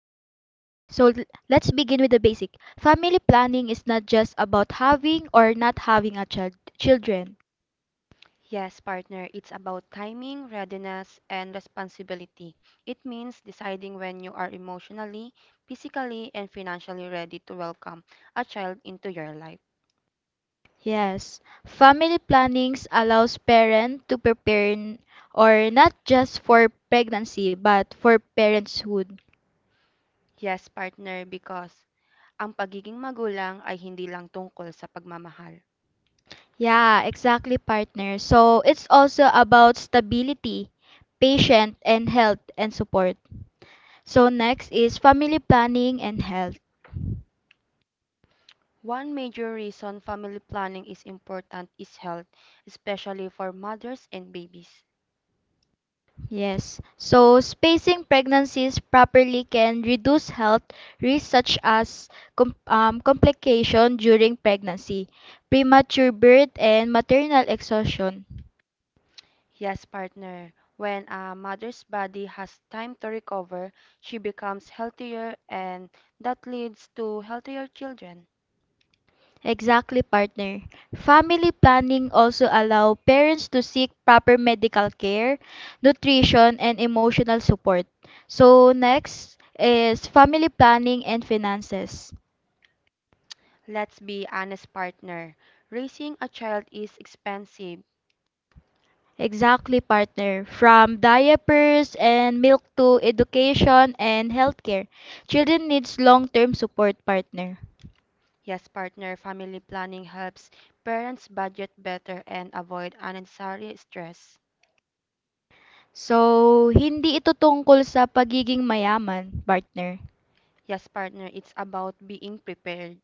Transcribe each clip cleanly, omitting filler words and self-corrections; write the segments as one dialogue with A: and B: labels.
A: l- let's begin with the basic. Family planning is not just about having or not having a child children.
B: Yes, partner, it's about timing, readiness, and responsibility. It means deciding when you are emotionally, physically, and financially ready to welcome a child into your life.
A: Yes, family plannings allows parent to or not just for pregnancy but for parenthood.
B: Yes, partner, because ang pagiging magulang ay hindi lang tungkol sa pagmamahal.
A: Yeah, exactly partner. So it's also about stability, patience, and health and support. So next is family planning and health.
B: One major reason family planning is important is health, especially for mothers and babies.
A: Yes, so spacing pregnancies properly can reduce health risks such as complication during pregnancy, premature birth, and maternal exhaustion.
B: Yes, partner. When a mother's body has time to recover, she becomes healthier and that leads to healthier children.
A: Exactly, partner. Family planning also allow parents to seek proper medical care, nutrition, and emotional support. So next is family planning and finances.
B: Let's be honest, partner. Raising a child is expensive.
A: Exactly, partner. From diapers and milk to education and healthcare, children needs long-term support, partner.
B: Yes, partner, family planning helps parents budget better and avoid unnecessary stress.
A: So, hindi ito tungkol sa pagiging mayaman, partner.
B: Yes, partner, it's about being prepared.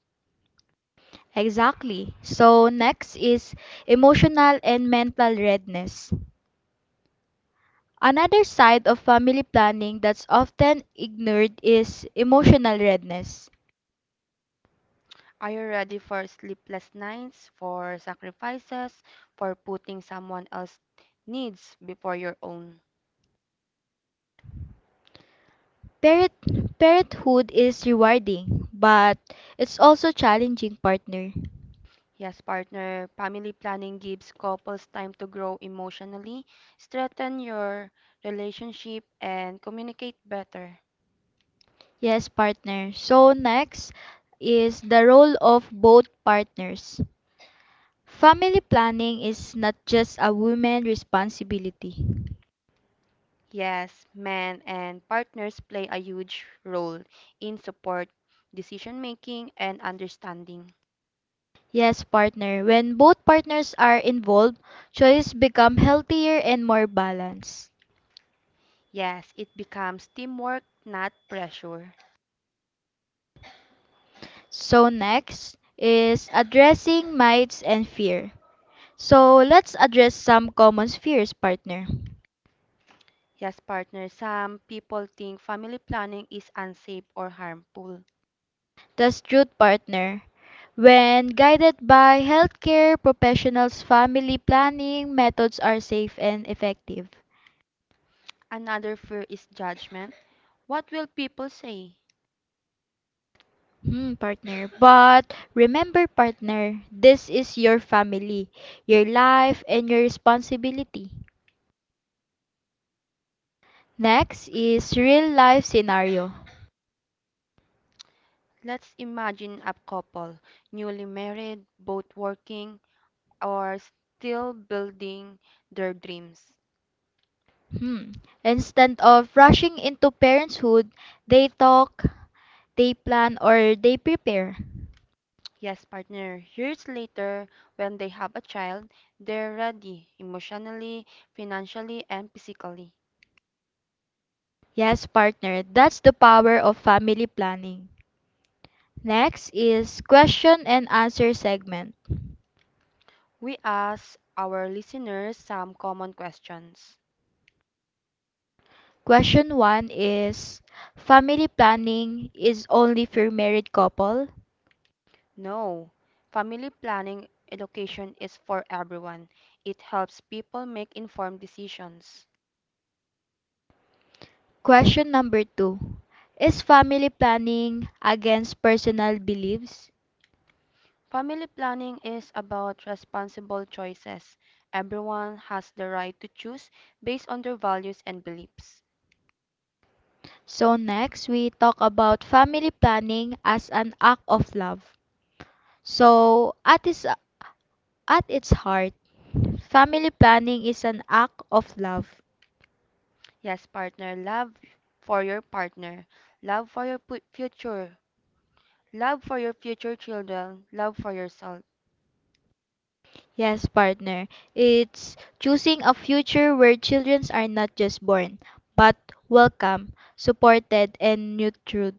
A: Exactly. So, next is emotional and mental readiness. Another side of family planning that's often ignored is emotional readiness.
B: Are you ready for sleepless nights, for sacrifices, for putting someone else's needs before your own?
A: Parent, parenthood is rewarding, but it's also challenging, partner.
B: Yes, partner, family planning gives couples time to grow emotionally, strengthen your relationship, and communicate better.
A: Yes, partner. So next is the role of both partners. Family planning is not just a woman responsibility.
B: Yes, men and partners play a huge role in support, decision making, and understanding.
A: Yes, partner. When both partners are involved, choice become healthier and more balanced.
B: Yes, it becomes teamwork, not pressure.
A: So next is addressing mites and fear. So let's address some common fears, partner.
B: Yes, partner, some people think family planning is unsafe or harmful.
A: The truth partner. When guided by healthcare professionals, family planning methods are safe and effective.
B: Another fear is judgment. What will people say?
A: Hmm, partner. But remember, partner, this is your family, your life, and your responsibility. Next is real life scenario.
B: Let's imagine a couple, newly married, both working, or still building their dreams.
A: Hmm. Instead of rushing into parenthood, they talk, they plan, or they prepare.
B: Yes, partner, years later, when they have a child, they're ready emotionally, financially, and physically.
A: Yes, partner, that's the power of family planning. Next is question and answer segment.
B: We ask our listeners some common questions.
A: Question 1 is family planning is only for married couple?
B: No, family planning education is for everyone. It helps people make informed decisions.
A: Question number 2 is family planning against personal beliefs?
B: Family planning is about responsible choices. Everyone has the right to choose based on their values and beliefs.
A: So next we talk about family planning as an act of love. So at its heart, family planning is an act of love.
B: Yes, partner, love for your partner, love for your future, love for your future children, love for yourself.
A: Yes, partner. It's choosing a future where children are not just born, but welcome, supported, and nurtured.